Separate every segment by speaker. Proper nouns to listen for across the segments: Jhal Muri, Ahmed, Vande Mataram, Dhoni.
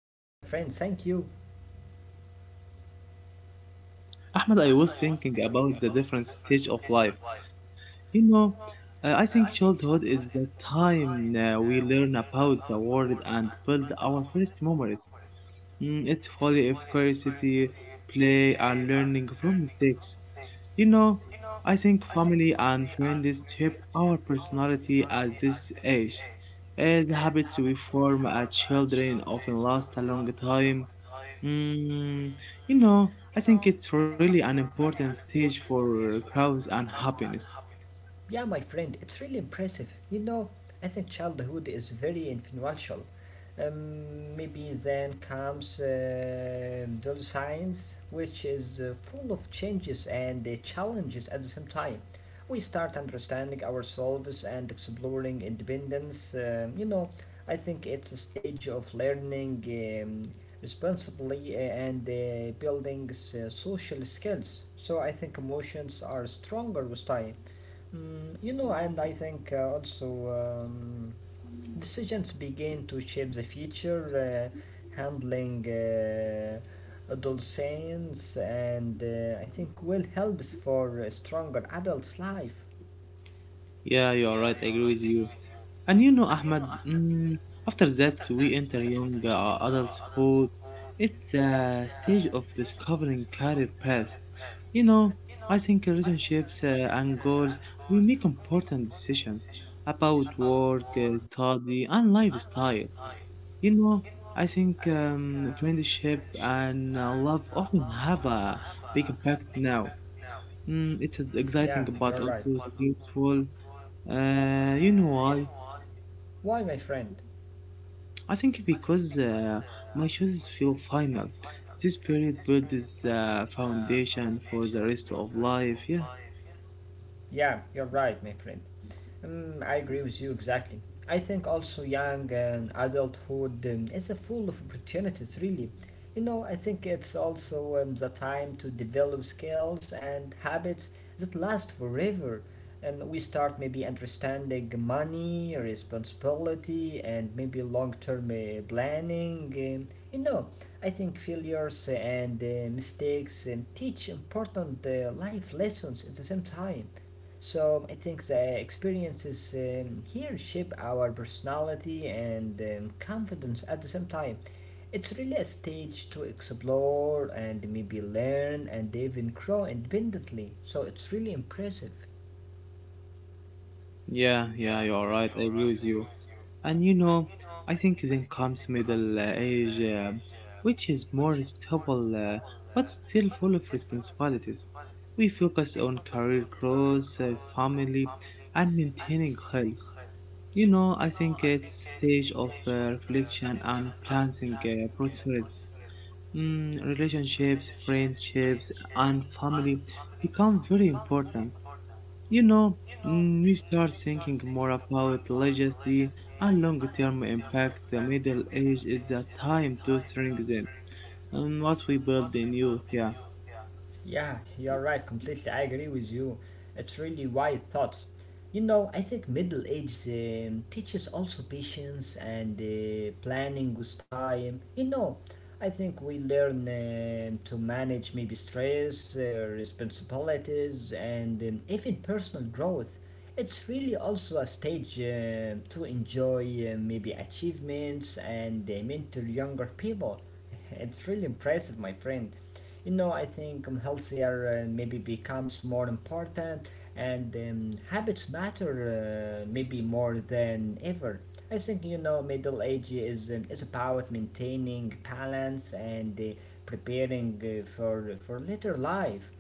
Speaker 1: I am fine, my friend, thank you.
Speaker 2: Ahmed, I was thinking about the different stage of life. You know, I think childhood is the time we learn about the world and build our first memories. It's full of curiosity, play, and learning from mistakes. You know, I think family and friends shape our personality at this age. The habits we form as children often last a long time. Mm, I think it's really an important stage for growth and happiness.
Speaker 1: Yeah, my friend, it's really impressive. You know, I think childhood is very influential. Maybe then comes adolescence, which is full of changes and challenges at the same time. We start understanding ourselves and exploring independence. You know, I think it's a stage of learning responsibly and building social skills. So I think emotions are stronger with time. Mm, you know, and I think also, um, decisions begin to shape the future, handling adolescence, and I think will help us for a stronger adult life.
Speaker 2: Yeah, you are right. I agree with you. And you know, Ahmed, after that we enter young adulthood. It's a stage of discovering career paths. You know, I think relationships and goals, we make important decisions about work, study, and lifestyle. You know, I think friendship and love often have a big impact now.
Speaker 1: Yeah,
Speaker 2: Exciting
Speaker 1: you're
Speaker 2: but
Speaker 1: right.
Speaker 2: also stressful. You know why?
Speaker 1: Why, my friend?
Speaker 2: I think because my choices feel final. This period builds foundation for the rest of life. Yeah.
Speaker 1: Yeah, you're right, my friend. I agree with you exactly. I think also young and adulthood is a full of opportunities, really. You know, I think it's also the time to develop skills and habits that last forever. And we start maybe understanding money, responsibility, and maybe long term planning. You know, I think failures and mistakes teach important life lessons at the same time. So I think the experiences here shape our personality and confidence at the same time. It's really a stage to explore and maybe learn and even grow independently. So it's really impressive.
Speaker 2: Yeah, you're right. I agree with you. And you know, I think then comes middle age, which is more stable but still full of responsibilities. We focus on career growth, family, and maintaining health. I think it's stage of reflection and planning priorities. Relationships, friendships, and family become very important. you know, we start thinking more about legacy and long-term impact. The middle age is a time to strengthen and what we build in youth. Yeah.
Speaker 1: Yeah, you're right, completely. I agree with you. It's really wise thoughts. You know, I think middle age teaches also patience and planning with time. You know, I think we learn to manage maybe stress, responsibilities, and even personal growth. It's really also a stage to enjoy maybe achievements and mentor younger people. It's really impressive, my friend. You know, I think healthier maybe becomes more important and habits matter maybe more than ever. I think, you know, middle age is about maintaining balance and preparing for later life.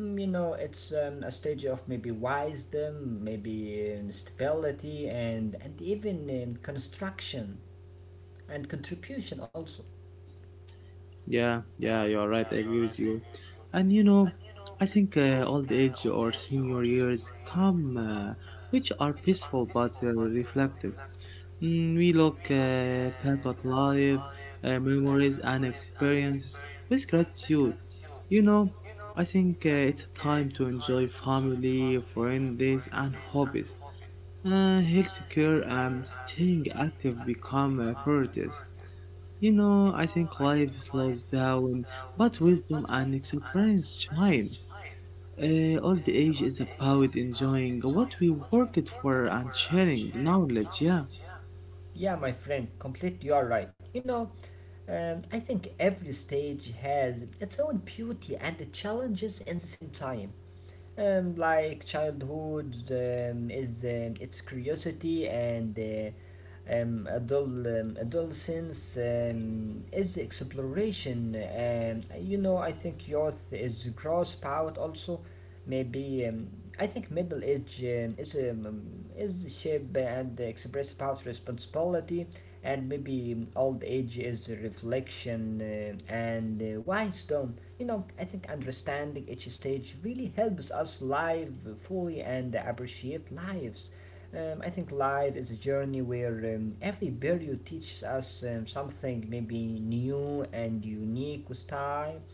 Speaker 1: Mm, you know, it's a stage of maybe wisdom, maybe stability, and even construction and contribution also.
Speaker 2: Yeah. You're right. I agree with you. And you know, I think old age or senior years come, which are peaceful but reflective. We look back at life, memories, and experiences with gratitude. You know, I think it's time to enjoy family, friends, and hobbies. Healthcare and staying active become priorities. I think life slows down, but wisdom and experience shine. Old age is about enjoying what we worked for and sharing knowledge, yeah.
Speaker 1: Yeah, my friend, completely you are right. You know, I think every stage has its own beauty and the challenges at the same time, like childhood is, its curiosity, and adolescence is the exploration. You know, I think youth is the gross power also. Maybe, I think middle age is the shape and express power, responsibility, and maybe old age is the reflection and wisdom. You know, I think understanding each stage really helps us live fully and appreciate lives. I think life is a journey where every period teaches us something maybe new and unique with time.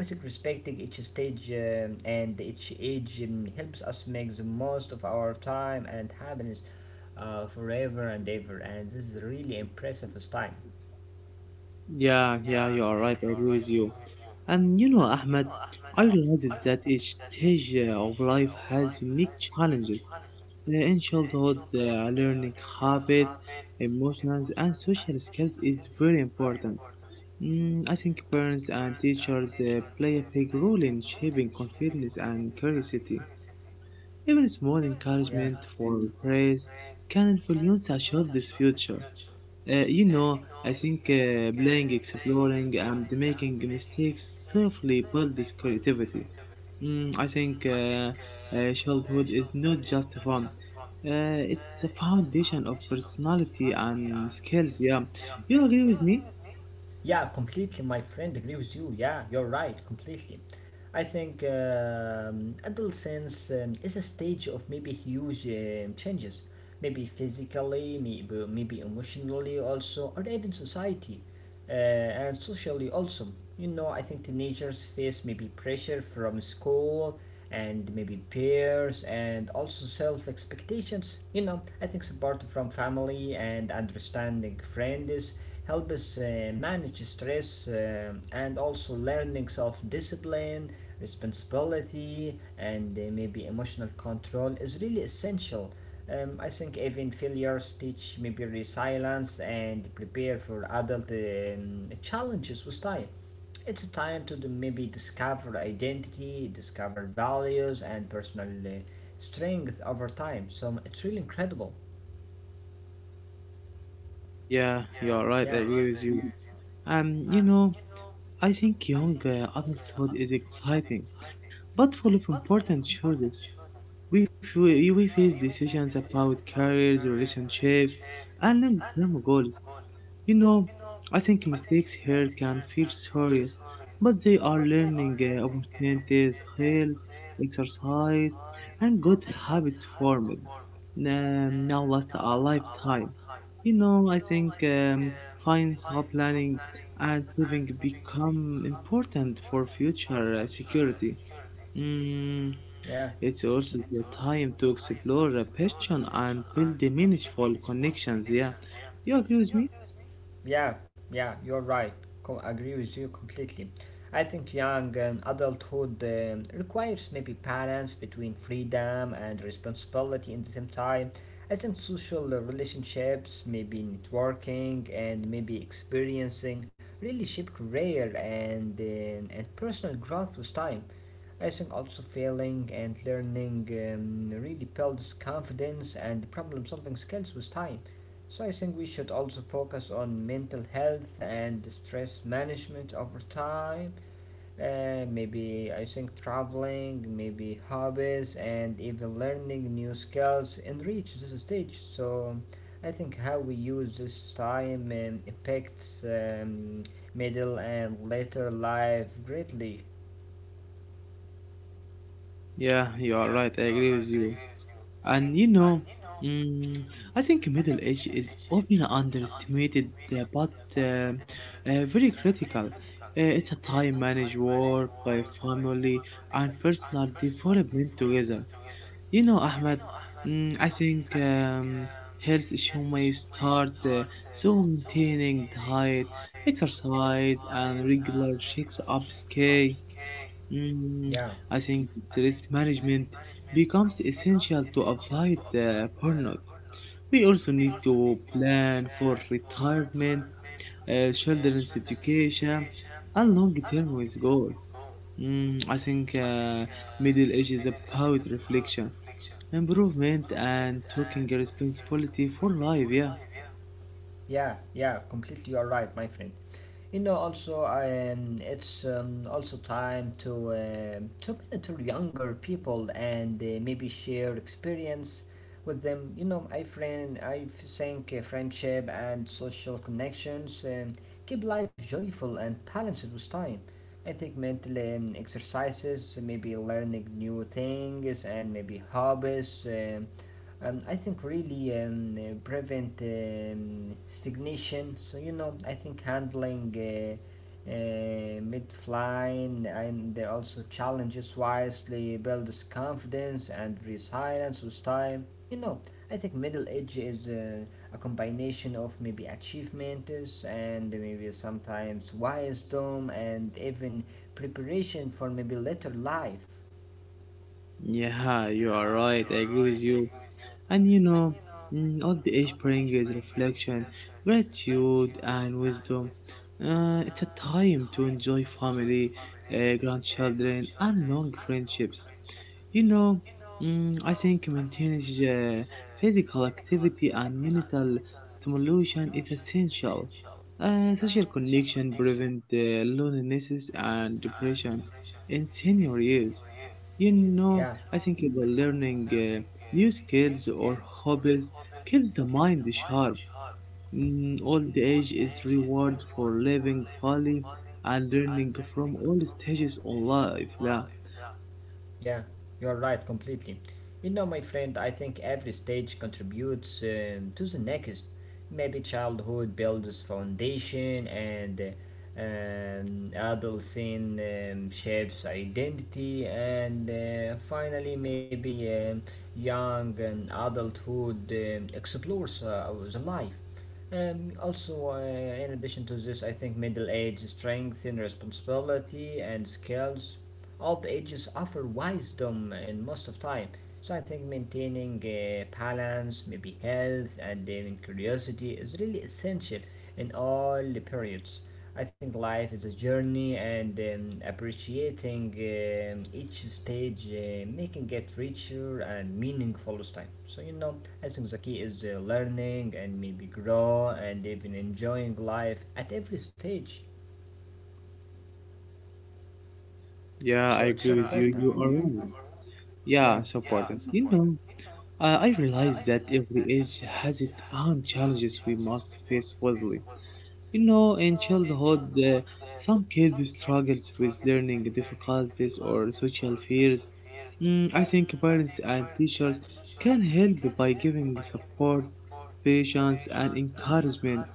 Speaker 1: I think respecting each stage and each age helps us make the most of our time and happiness forever and ever. And this is a really impressive time.
Speaker 2: Yeah, you are right. I agree with you. And you know, Ahmed, I realized that each stage of life has unique challenges. In childhood, learning habits, emotions, and social skills is very important. I think parents and teachers play a big role in shaping confidence and curiosity. Even small encouragement for praise can influence a child's future. I think playing, exploring, and making mistakes safely build this creativity. I think childhood is not just fun. It's a foundation of personality and skills. Yeah, you agree with me?
Speaker 1: Yeah, completely, my friend. Agree with you. Yeah, you're right, completely. I think adolescence is a stage of maybe huge changes, maybe physically, maybe emotionally also, or even society and socially also. You know, I think teenagers face maybe pressure from school and maybe peers and also self expectations. You know, I think support from family and understanding friends help us manage stress and also learning self discipline, responsibility, and maybe emotional control is really essential. I think even failures teach maybe resilience and prepare for adult challenges with time. It's a time to maybe discover identity, discover values, and personal strength over time. So it's really incredible.
Speaker 2: Yeah, you're right. I
Speaker 1: Yeah,
Speaker 2: agree with you. Um, you know, I think young adulthood is exciting, but full of important choices. We, fa- we face decisions about careers, relationships, and long term goals. You know, I think mistakes here can feel serious, but they are learning opportunities, health, exercise, and good habits formed. Now last a lifetime. I think financial planning and saving become important for future security. Mm,
Speaker 1: yeah.
Speaker 2: it's also the time to explore a passion and build the meaningful connections. Yeah, you agree with me?
Speaker 1: Yeah, yeah, you're right. Agree with you completely. I think young adulthood requires maybe balance between freedom and responsibility in the same time. I think social relationships, maybe networking, and maybe experiencing really shape career and personal growth with time. I think also failing and learning really builds confidence and problem solving skills with time. So I think we should also focus on mental health and stress management over time. Maybe I think traveling, maybe hobbies, and even learning new skills and reach this stage. So I think how we use this time impacts, middle and later life greatly.
Speaker 2: Yeah, you are right. I agree with you. And you know, mm, I think Middle Age is often underestimated, but uh, very critical. It's a time manage work, family, and personal development together. You know, Ahmed, I think health issue may start, so maintaining diet, exercise, and regular checks-ups key. Mm,
Speaker 1: Yeah.
Speaker 2: I think stress management becomes essential to avoid burnout. We also need to plan for retirement, children's education, and long-term with goals. I think middle age is about reflection, improvement, and taking responsibility for life. Yeah.
Speaker 1: Yeah, yeah, completely you're right, my friend. You know, also, it's also time to mentor younger people and maybe share experience with them. You know, I friend, I think friendship and social connections keep life joyful and balanced with time. I think mental exercises, maybe learning new things and maybe hobbies. I think really prevent stagnation. So you know, I think handling mid flying and also challenges wisely builds confidence and resilience with time. You know, I think middle age is a combination of maybe achievements and maybe sometimes wisdom and even preparation for maybe later life.
Speaker 2: Yeah, you are right. I agree with you. And you know, old age brings reflection, gratitude, and wisdom. It's a time to enjoy family, grandchildren, and long friendships. You know, I think maintaining uh, physical activity and mental stimulation is essential. Social connection prevent loneliness and depression in senior years. You know, I think about learning new skills or hobbies keeps the mind sharp. Old age is reward for living fully and learning from all stages of life. Yeah.
Speaker 1: Yeah, you're right completely. You know, my friend, I think every stage contributes to the next. Maybe childhood builds foundation, and adolescence shapes identity, and finally, maybe young and adulthood explores the life. Also, in addition to this, I think middle age strength and responsibility and skills all ages offer wisdom in most of time. So I think maintaining balance, maybe health and even curiosity is really essential in all the periods. I think life is a journey and appreciating each stage, making it richer and meaningful as time. So, you know, I think the key is learning and maybe grow and even enjoying life at every stage. So
Speaker 2: Yeah, I
Speaker 1: it's,
Speaker 2: agree with you. You are right.
Speaker 1: yeah,
Speaker 2: Yeah, so important. I realize that every age has its own challenges we must face wisely. You know, in childhood, some kids struggle with learning difficulties or social fears. I think parents and teachers can help by giving support, patience, and encouragement.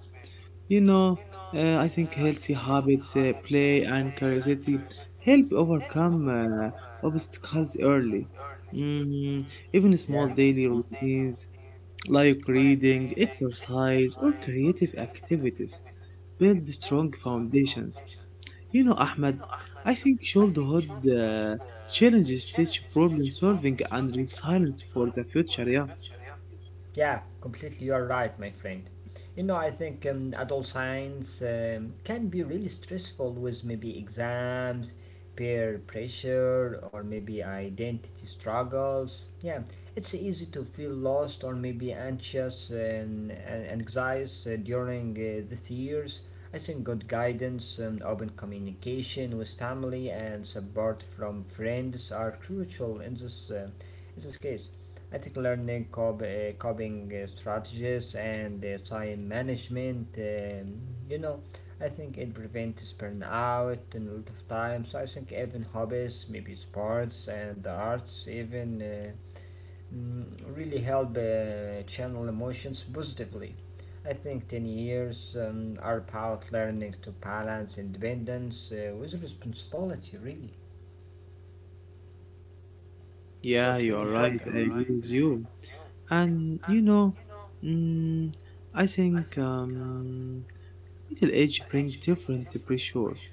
Speaker 2: You know, I think healthy habits, play, and curiosity help overcome obstacles early. Mm, Even
Speaker 1: yeah.
Speaker 2: small daily routines like reading, exercise, or creative activities build strong foundations. You know, Ahmed, I think childhood uh, challenges teach problem solving and resilience for the future. Yeah.
Speaker 1: Yeah, completely. You're right, my friend. You know, I think adult science can be really stressful with maybe exams, peer pressure, or maybe identity struggles. Yeah, it's easy to feel lost or maybe anxious and anxious during these years. I think good guidance, open communication with family, and support from friends are crucial in this in this case. Ethical learning, coping strategies, and time management. You know, I think it prevents burnout and a lot of time. So I think even hobbies, maybe sports and the arts, even really help channel emotions positively. I think 10 years are about learning to balance independence with responsibility, really. So it's
Speaker 2: Yeah,
Speaker 1: really
Speaker 2: you are
Speaker 1: important.
Speaker 2: right. I agree with you. And you know, mm, I think. Middle age brings different pressure.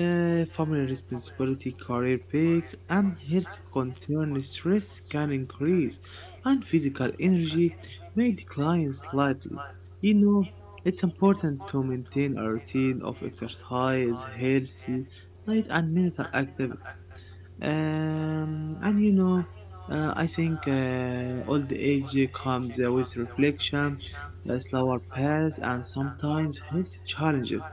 Speaker 2: Family responsibility, career peaks, and health concerns. Stress can increase, and physical energy may decline slightly. You know, it's important to maintain a routine of exercise, healthy, light, and mental activity. Um, and you know, I think old age comes with reflection, a slower pace, and sometimes health challenges.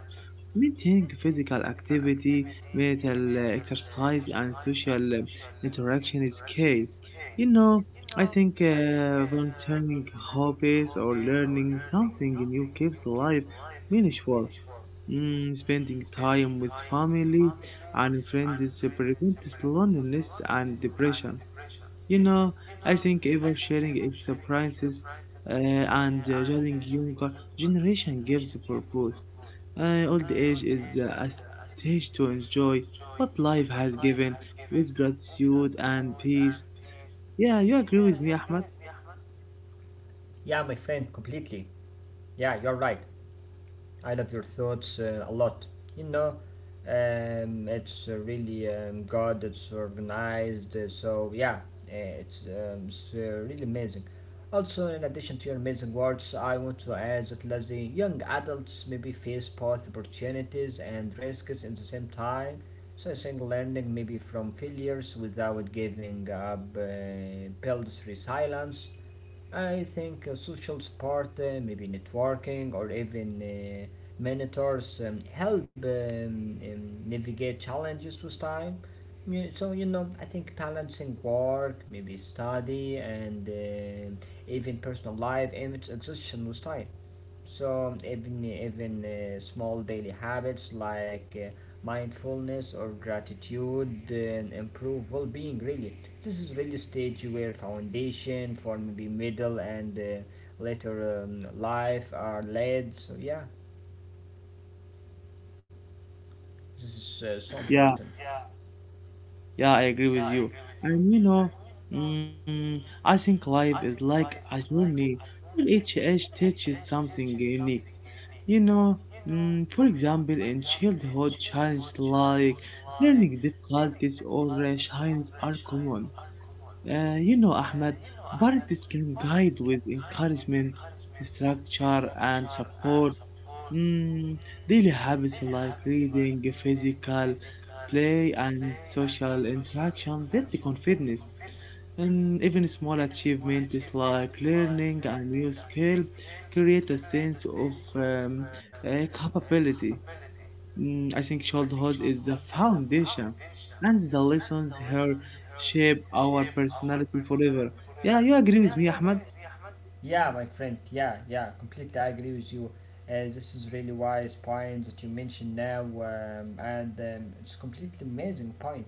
Speaker 2: Maintaining physical activity, mental exercise, and social interaction is key. You know, I think volunteering hobbies or learning something new keeps life meaningful. Spending time with family and friends prevents loneliness and depression. You know, I think oversharing experiences and judging younger generation gives purpose. Old age is a stage to enjoy what life has given with gratitude and peace. Yeah, you agree with me, Ahmed?
Speaker 1: Yeah, my friend, completely. Yeah, you're right. I love your thoughts a lot. You know, it's really good, it's organized, so yeah, it's really amazing. Also, in addition to your amazing words, I want to add that lazy young adults maybe face both opportunities and risks in the same time. So, I think learning maybe from failures without giving up builds resilience. I think social support, maybe networking or even mentors help, navigate challenges with time. Yeah, so, you know, I think balancing work, maybe study, and even personal life image exhaustion with time. So even small daily habits like mindfulness or gratitude improve well-being. Really, this is really stage where foundation for maybe middle and later life are laid. So yeah, this is so
Speaker 2: Yeah.
Speaker 1: important.
Speaker 2: Yeah, I agree with you. And you know, I think life is like a journey where each age teaches something unique. You know, for example, in childhood, challenges like learning difficulties or shines are common. You know, Ahmed, parents can guide with encouragement, structure, and support. Mm, Daily habits like reading, physical play, and social interaction build the confidence. And even small achievements like learning a new skill create a sense of capability. I think childhood is the foundation, and the lessons here shape our personality forever. Yeah, you agree with me, Ahmed?
Speaker 1: Yeah, my friend. Yeah, yeah. Completely, I agree with you. This is really wise points that you mentioned now, and it's completely amazing points.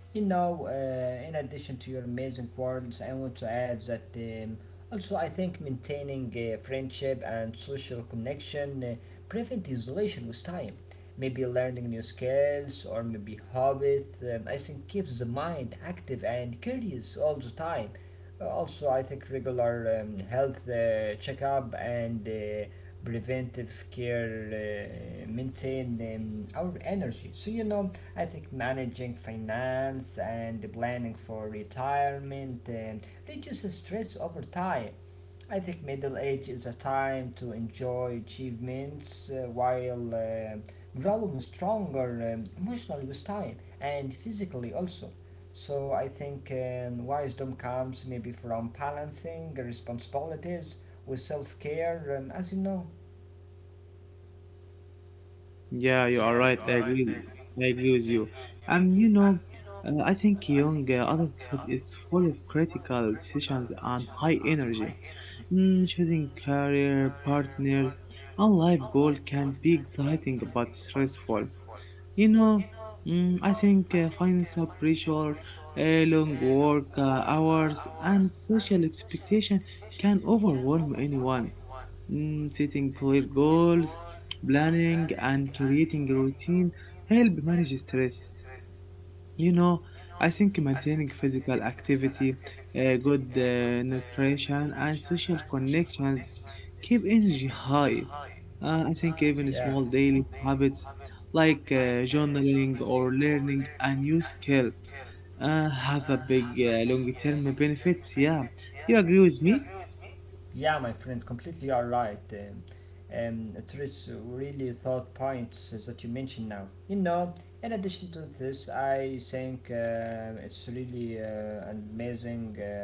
Speaker 1: You know, in addition to your amazing words, I want to add that, also I think maintaining friendship and social connection prevent isolation with time. Maybe learning new skills or maybe hobbies, I think keeps the mind active and curious all the time. Also, I think regular health checkup and preventive care maintain our energy. So you know, I think managing finance and planning for retirement reduces stress over time. I think middle age is a time to enjoy achievements while growing stronger emotionally with time and physically also. So I think wisdom comes maybe from balancing responsibilities with self care, as you know.
Speaker 2: Yeah, you
Speaker 1: So,
Speaker 2: are right. I
Speaker 1: yeah,
Speaker 2: agree. I agree with you. And you know, I think young adulthood is full of critical decisions and high energy. Choosing career, partners, and life goal can be exciting but stressful. You know, I think financial pressure, long work hours, and social expectation can overwhelm anyone. Setting clear goals, planning, and creating a routine help manage stress. You know, I think maintaining physical activity, good nutrition, and social connections keep energy high. I think even
Speaker 1: yeah.
Speaker 2: small daily habits like journaling or learning a new skill have a big long-term benefits. Yeah, you agree with me?
Speaker 1: Yeah, my friend, completely all right. It is really thought points that you mentioned now. You know, in addition to this, I think it's really an amazing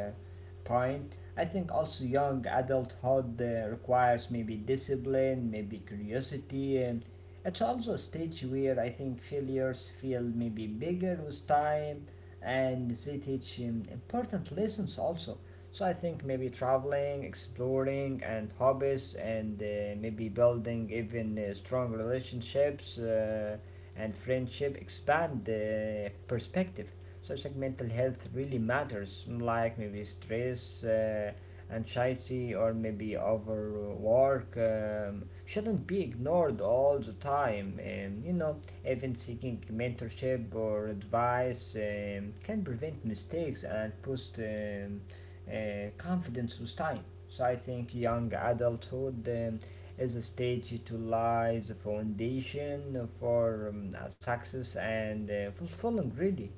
Speaker 1: point. I think also young adulthood requires maybe discipline, maybe curiosity. And it's also a stage where I think failures feel maybe bigger with time, and they teach important lessons also, so I think maybe traveling, exploring, and hobbies, and maybe building even strong relationships and friendship expand the perspective. So it's like mental health really matters, like maybe stress, anxiety, or maybe overwork shouldn't be ignored all the time. Even seeking mentorship or advice can prevent mistakes and boost. Confidence with time. So I think young adulthood is a stage to lies the foundation for success and fulfilling really.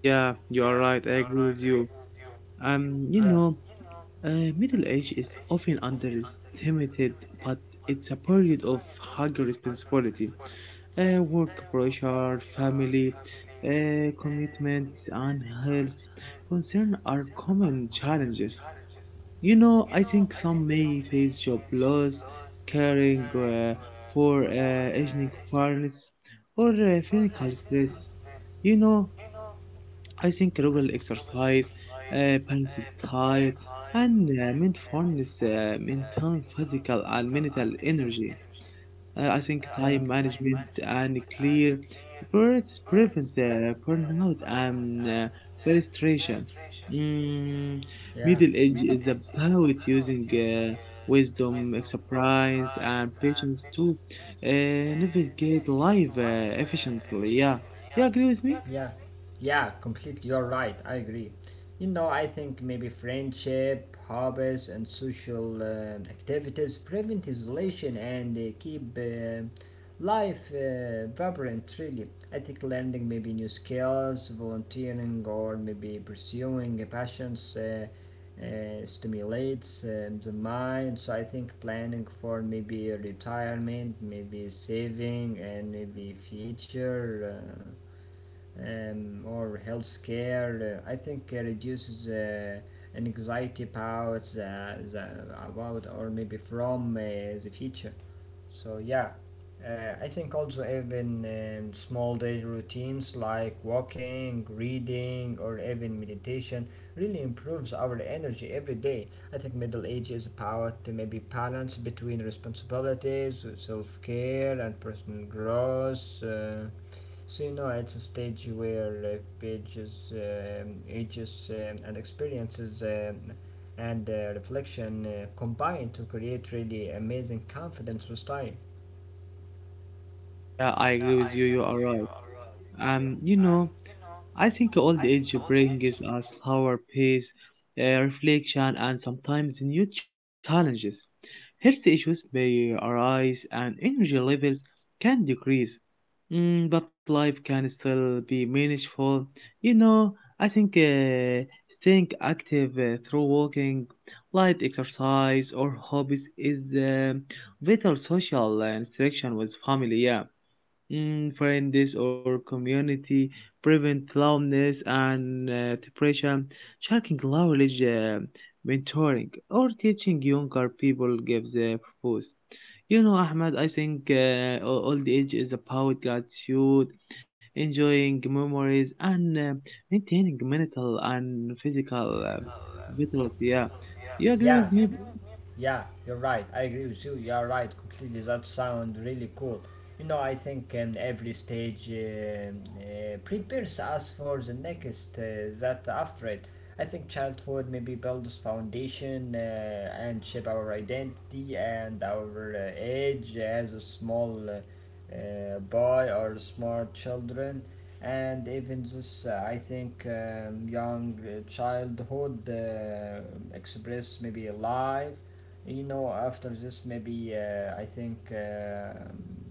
Speaker 2: Yeah, you are right. I agree with you. You know. Middle age is often underestimated, but it's a period of higher responsibility. Work pressure, family commitments, and health concern are common challenges. I think some may face job loss, caring for aging parents, or physical stress. You know, I think regular exercise, balanced diet, and mindfulness maintain physical and mental energy. I think time management and clear words prevent burnout and frustration. Mm,
Speaker 1: Yeah,
Speaker 2: Middle age is about using wisdom, experience, and patience to uh, navigate life efficiently. Yeah, you agree with me?
Speaker 1: yeah, completely. You're right. I agree. You know, I think maybe friendship, hobbies, and social activities prevent isolation and keep life vibrant, really. I think learning maybe new skills, volunteering, or maybe pursuing a passions stimulates the mind. So I think planning for maybe a retirement, maybe saving, and maybe future. Or healthcare. I think reduces anxiety about the about or maybe from the future. So yeah, I think also even small daily routines like walking, reading, or even meditation really improves our energy every day. I think middle age is about to maybe balance between responsibilities, self care, and personal growth. So you know, it's a stage where ages, and experiences and reflection combine to create really amazing confidence with time.
Speaker 2: Yeah, I agree with you. You are right. Um, you know, I think old age brings us slower pace, reflection, and sometimes new challenges. Health issues may arise and energy levels can decrease, but life can still be meaningful. You know, I think staying active through walking, light exercise, or hobbies is vital social interaction with family. Yeah. Friends or community, prevent loneliness and depression, sharing knowledge, mentoring, or teaching younger people gives a purpose. You know, Ahmed, I think old age is about gratitude, enjoying memories, and maintaining mental and physical vitality. Yeah, you agree
Speaker 1: Yeah,
Speaker 2: with me?
Speaker 1: yeah, you're right. I agree with you. You are right completely. That sound really cool. You know, I think every stage prepares us for the next that after it. I think childhood maybe builds foundation and shape our identity and our age as a small boy or small children. And even this, I think, young childhood express maybe life you know, after this, maybe I think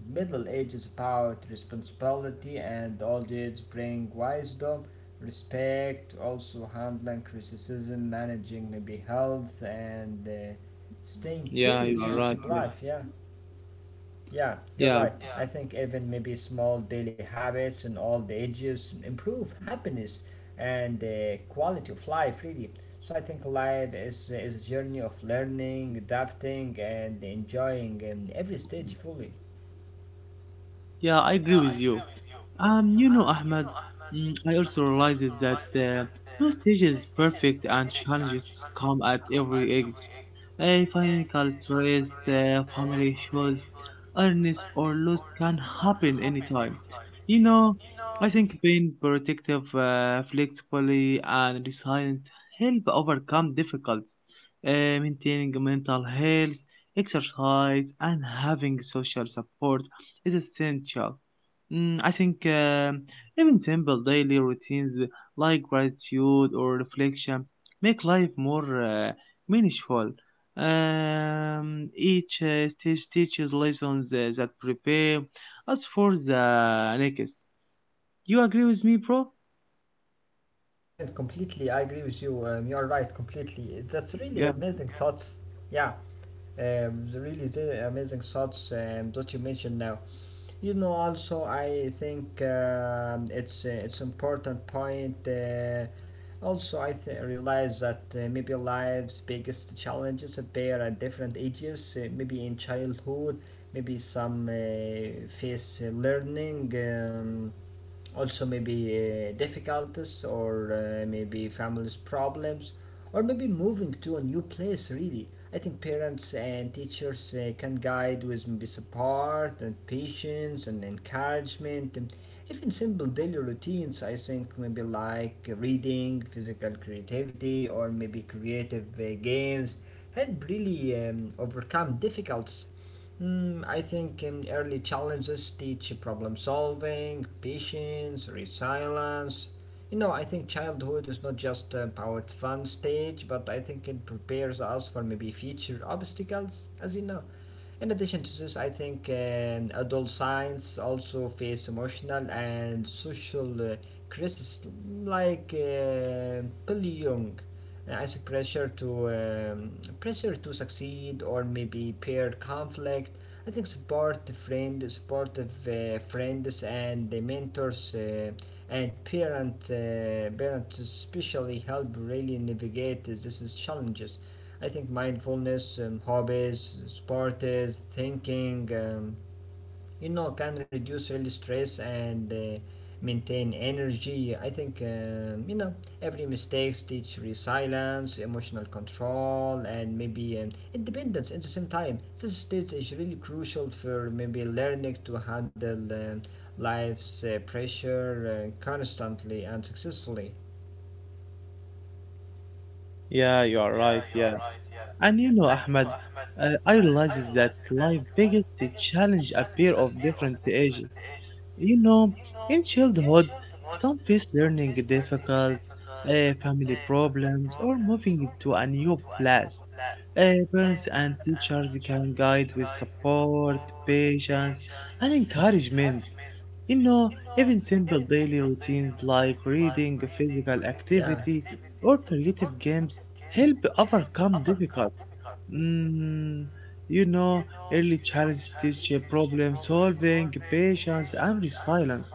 Speaker 1: middle age is about responsibility, and old age bring wisdom, respect, also handling criticism, managing maybe health, and staying
Speaker 2: Yeah,
Speaker 1: curious.
Speaker 2: you are right. Yeah,
Speaker 1: Yeah. Yeah, you're
Speaker 2: yeah.
Speaker 1: right. I think even maybe small daily habits in all the ages improve happiness and the quality of life, really. So I think life is a journey of learning, adapting, and enjoying every stage fully.
Speaker 2: Yeah, I agree with you. You know, Ahmed, I also realized that no stage is perfect and challenges come at every age. A financial stress, family issues, illness, or loss can happen anytime. You know, I think being protective, flexible, and resilient help overcome difficulties. Maintaining mental health, exercise, and having social support is essential. I think even simple daily routines like gratitude or reflection make life more meaningful. Each stage teaches lessons that prepare us for the next. You agree with me, bro?
Speaker 1: Yeah, my friend, completely. I agree with you. You are right, completely. That's really
Speaker 2: Yeah,
Speaker 1: amazing thoughts. Yeah, the really the amazing thoughts that you mentioned now. You know, also I think it's important point. Also, I realize that maybe life's biggest challenges appear at different ages. Maybe in childhood, maybe some face learning. Also maybe difficulties or maybe family's problems or maybe moving to a new place really. I think parents and teachers can guide with maybe support and patience and encouragement, and even simple daily routines I think maybe like reading, physical creativity, or maybe creative games help really overcome difficult. Mm, I think early challenges teach problem solving, patience, resilience. You know, I think childhood is not just a powered fun stage, but I think it prepares us for maybe future obstacles, as you know. In addition to this, I think adult science also face emotional and social criticism, like bullying, I think pressure to succeed, or maybe peer conflict. I think supportive friends and the mentors and parents especially help really navigate these challenges. I think mindfulness, hobbies, sports, thinking, you know, can reduce really stress and maintain energy. I think, you know, every mistakes teach resilience, emotional control, and maybe independence at the same time. This stage is really crucial for maybe learning to handle life's pressure constantly and successfully.
Speaker 2: yeah, you are right. Yeah, and you know, Ahmed, I realizes that life biggest challenge appear of different ages. You know, in childhood, some face learning difficult, family problems, or moving to a new place. Parents and teachers can guide with support, patience, and encouragement. You know, even simple daily routines like reading, physical
Speaker 1: Yeah,
Speaker 2: activity, or creative games help overcome difficulties. Mm, you know, Early challenges teach problem solving, patience, and resilience.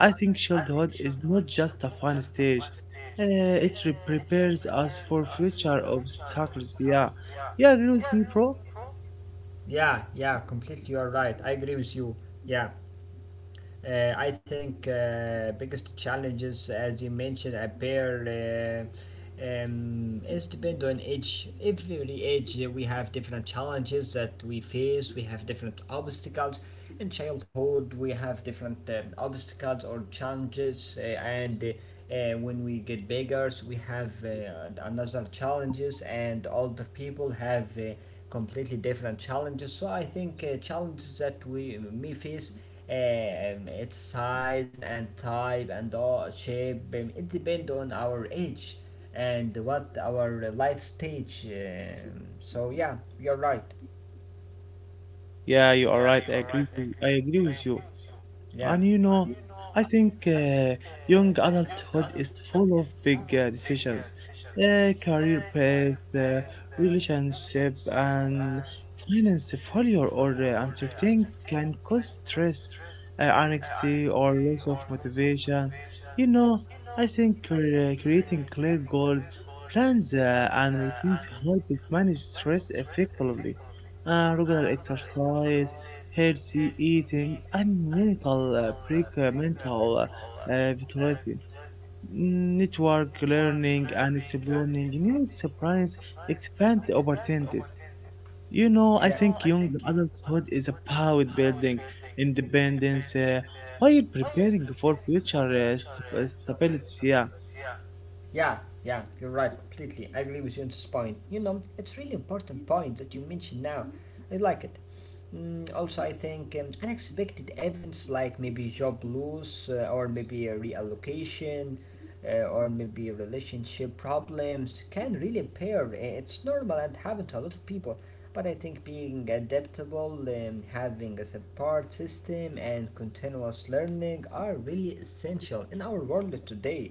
Speaker 2: I think childhood is not just a fun stage. Uh, it prepares us for future obstacles. Yeah, yeah, agree with me, bro.
Speaker 1: yeah, yeah, completely. You are right. I agree with you. Yeah. I think biggest challenges, as you mentioned, appear is depend on each every age. We have different challenges that we face. We have different obstacles. In childhood, we have different obstacles or challenges, and when we get bigger, so we have another challenges, and older people have. Completely different challenges. So I think challenges that we may face, its size and type and all shape. It depends on our age and what our life stage. So yeah, you're right.
Speaker 2: Yeah, you are right. I agree. With, I agree with you. And
Speaker 1: Yeah.
Speaker 2: you know, I think young adulthood is full of big decisions, career paths, relationship, and finance failure or uncertainty can cause stress, anxiety, or loss of motivation. You know, I think creating clear goals, plans, and routines helps manage stress effectively. Regular exercise, healthy eating, and mental pre-mental vitality. Network learning and exploring new experience expand the opportunities. I think young adulthood is about building independence while preparing for future stability. Yeah.
Speaker 1: Yeah, yeah, you're right, completely. I agree with you on this point. You know, it's really important point that you mentioned now. I like it. Mm, also, I think unexpected events like maybe job loss or maybe a reallocation or maybe relationship problems can really impair. It's normal and happen to a lot of people. But I think being adaptable, having a support system, and continuous learning are really essential in our world today,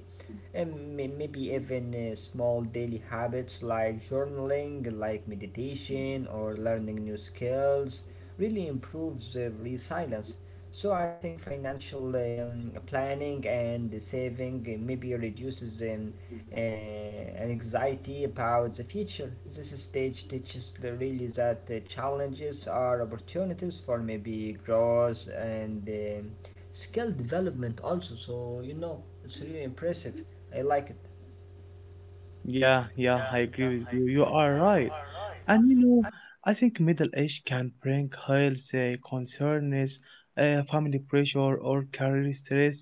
Speaker 1: and maybe even small daily habits like journaling, like meditation, or learning new skills really improves resilience. So I think financial planning and saving maybe reduces uh, anxiety about the future. This stage teaches the really that challenges are opportunities for maybe growth and skill development also. So you know, it's really impressive. I like it.
Speaker 2: Yeah, I agree with you. You are right. And you know, I think middle age can bring health concerns, family pressure, or career stress.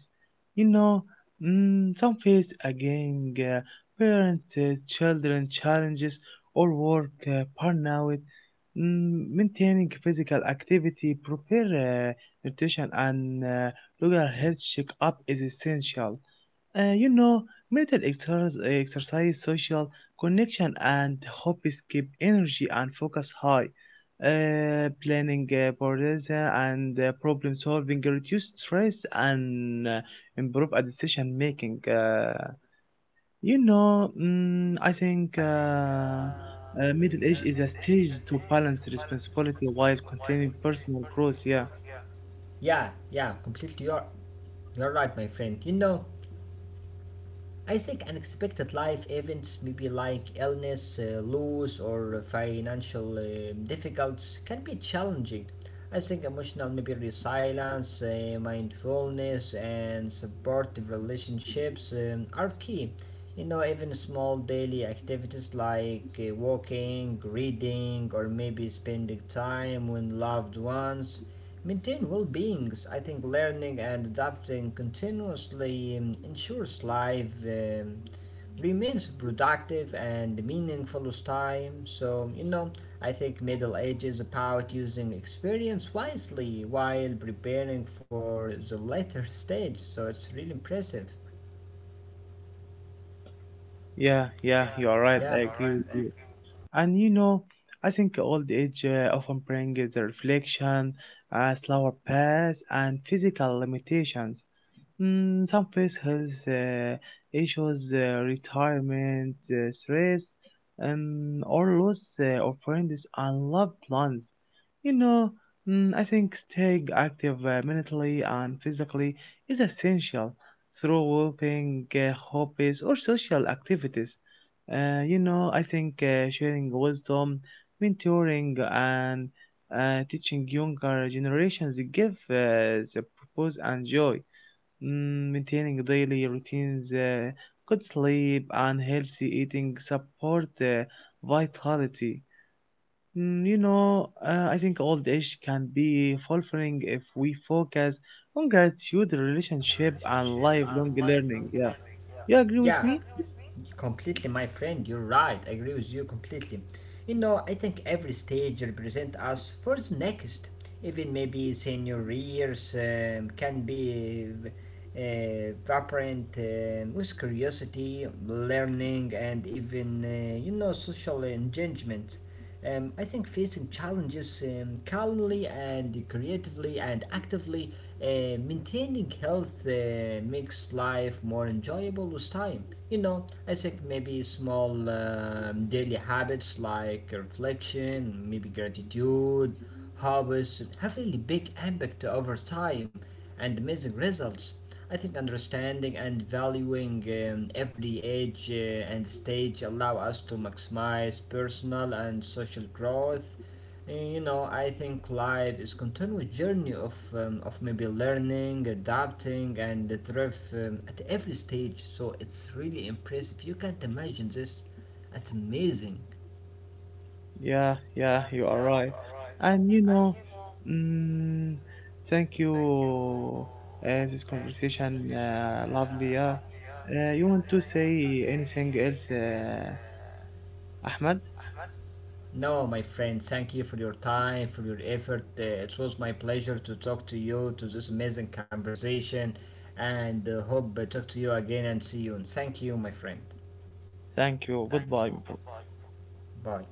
Speaker 2: You know, some face again children challenges, or work burnout. Maintaining physical activity, proper nutrition, and regular health checkup is essential. Uh, you know, Mental exercise, exercise, social connection, and hobbies keep energy and focus high. Planning, boredom, and problem solving reduce stress and improve a decision making. I think middle age is a stage to balance responsibility while continuing personal growth. Yeah.
Speaker 1: Yeah, yeah, completely. You're right, my friend. You know, I think unexpected life events, maybe like illness, loss, or financial difficulties, can be challenging. I think emotional, maybe resilience, mindfulness, and supportive relationships are key. You know, even small daily activities like walking, reading, or maybe spending time with loved ones maintain well beings. I think learning and adapting continuously ensures life remains productive and meaningful with time. So, you know, I think middle age is about using experience wisely while preparing for the later stage. So it's really impressive.
Speaker 2: Yeah. You are right.
Speaker 1: Yeah.
Speaker 2: I agree with you. And you know, I think old age often brings the reflection, a slower pace, and physical limitations. Some place health issues, retirement, stress, or loss of friends and loved ones. You know, I think staying active mentally and physically is essential through walking, hobbies, or social activities. I think sharing wisdom, mentoring, and teaching younger generations give the purpose and joy. Maintaining daily routines, good sleep, and healthy eating support vitality. I think old age can be fulfilling if we focus on gratitude, relationship, and lifelong learning. Yeah, you agree with
Speaker 1: Yeah.
Speaker 2: me?
Speaker 1: Completely, my friend, you're right. I agree with you completely. You know, I think every stage represent us for the next. Even maybe senior years can be vibrant with curiosity, learning, and even you know social engagement. I think facing challenges calmly and creatively and actively, maintaining health makes life more enjoyable with time. You know, I think maybe small daily habits like reflection, maybe gratitude, how is have really big impact over time and amazing results. I think understanding and valuing every age and stage allow us to maximize personal and social growth. You know, I think life is continuous journey of maybe learning, adapting, and thrive at every stage. So it's really impressive. You can't imagine this. It's amazing.
Speaker 2: Yeah, you are right. And you know, mm, thank you. This conversation, lovely. Yeah. You want to say anything else, Ahmed?
Speaker 1: No, my friend, thank you for your time, for your effort. It was my pleasure to talk to you, to this amazing conversation, and hope I talk to you again and see you. And thank you, my friend.
Speaker 2: Thank you. Goodbye, bro.
Speaker 1: Bye.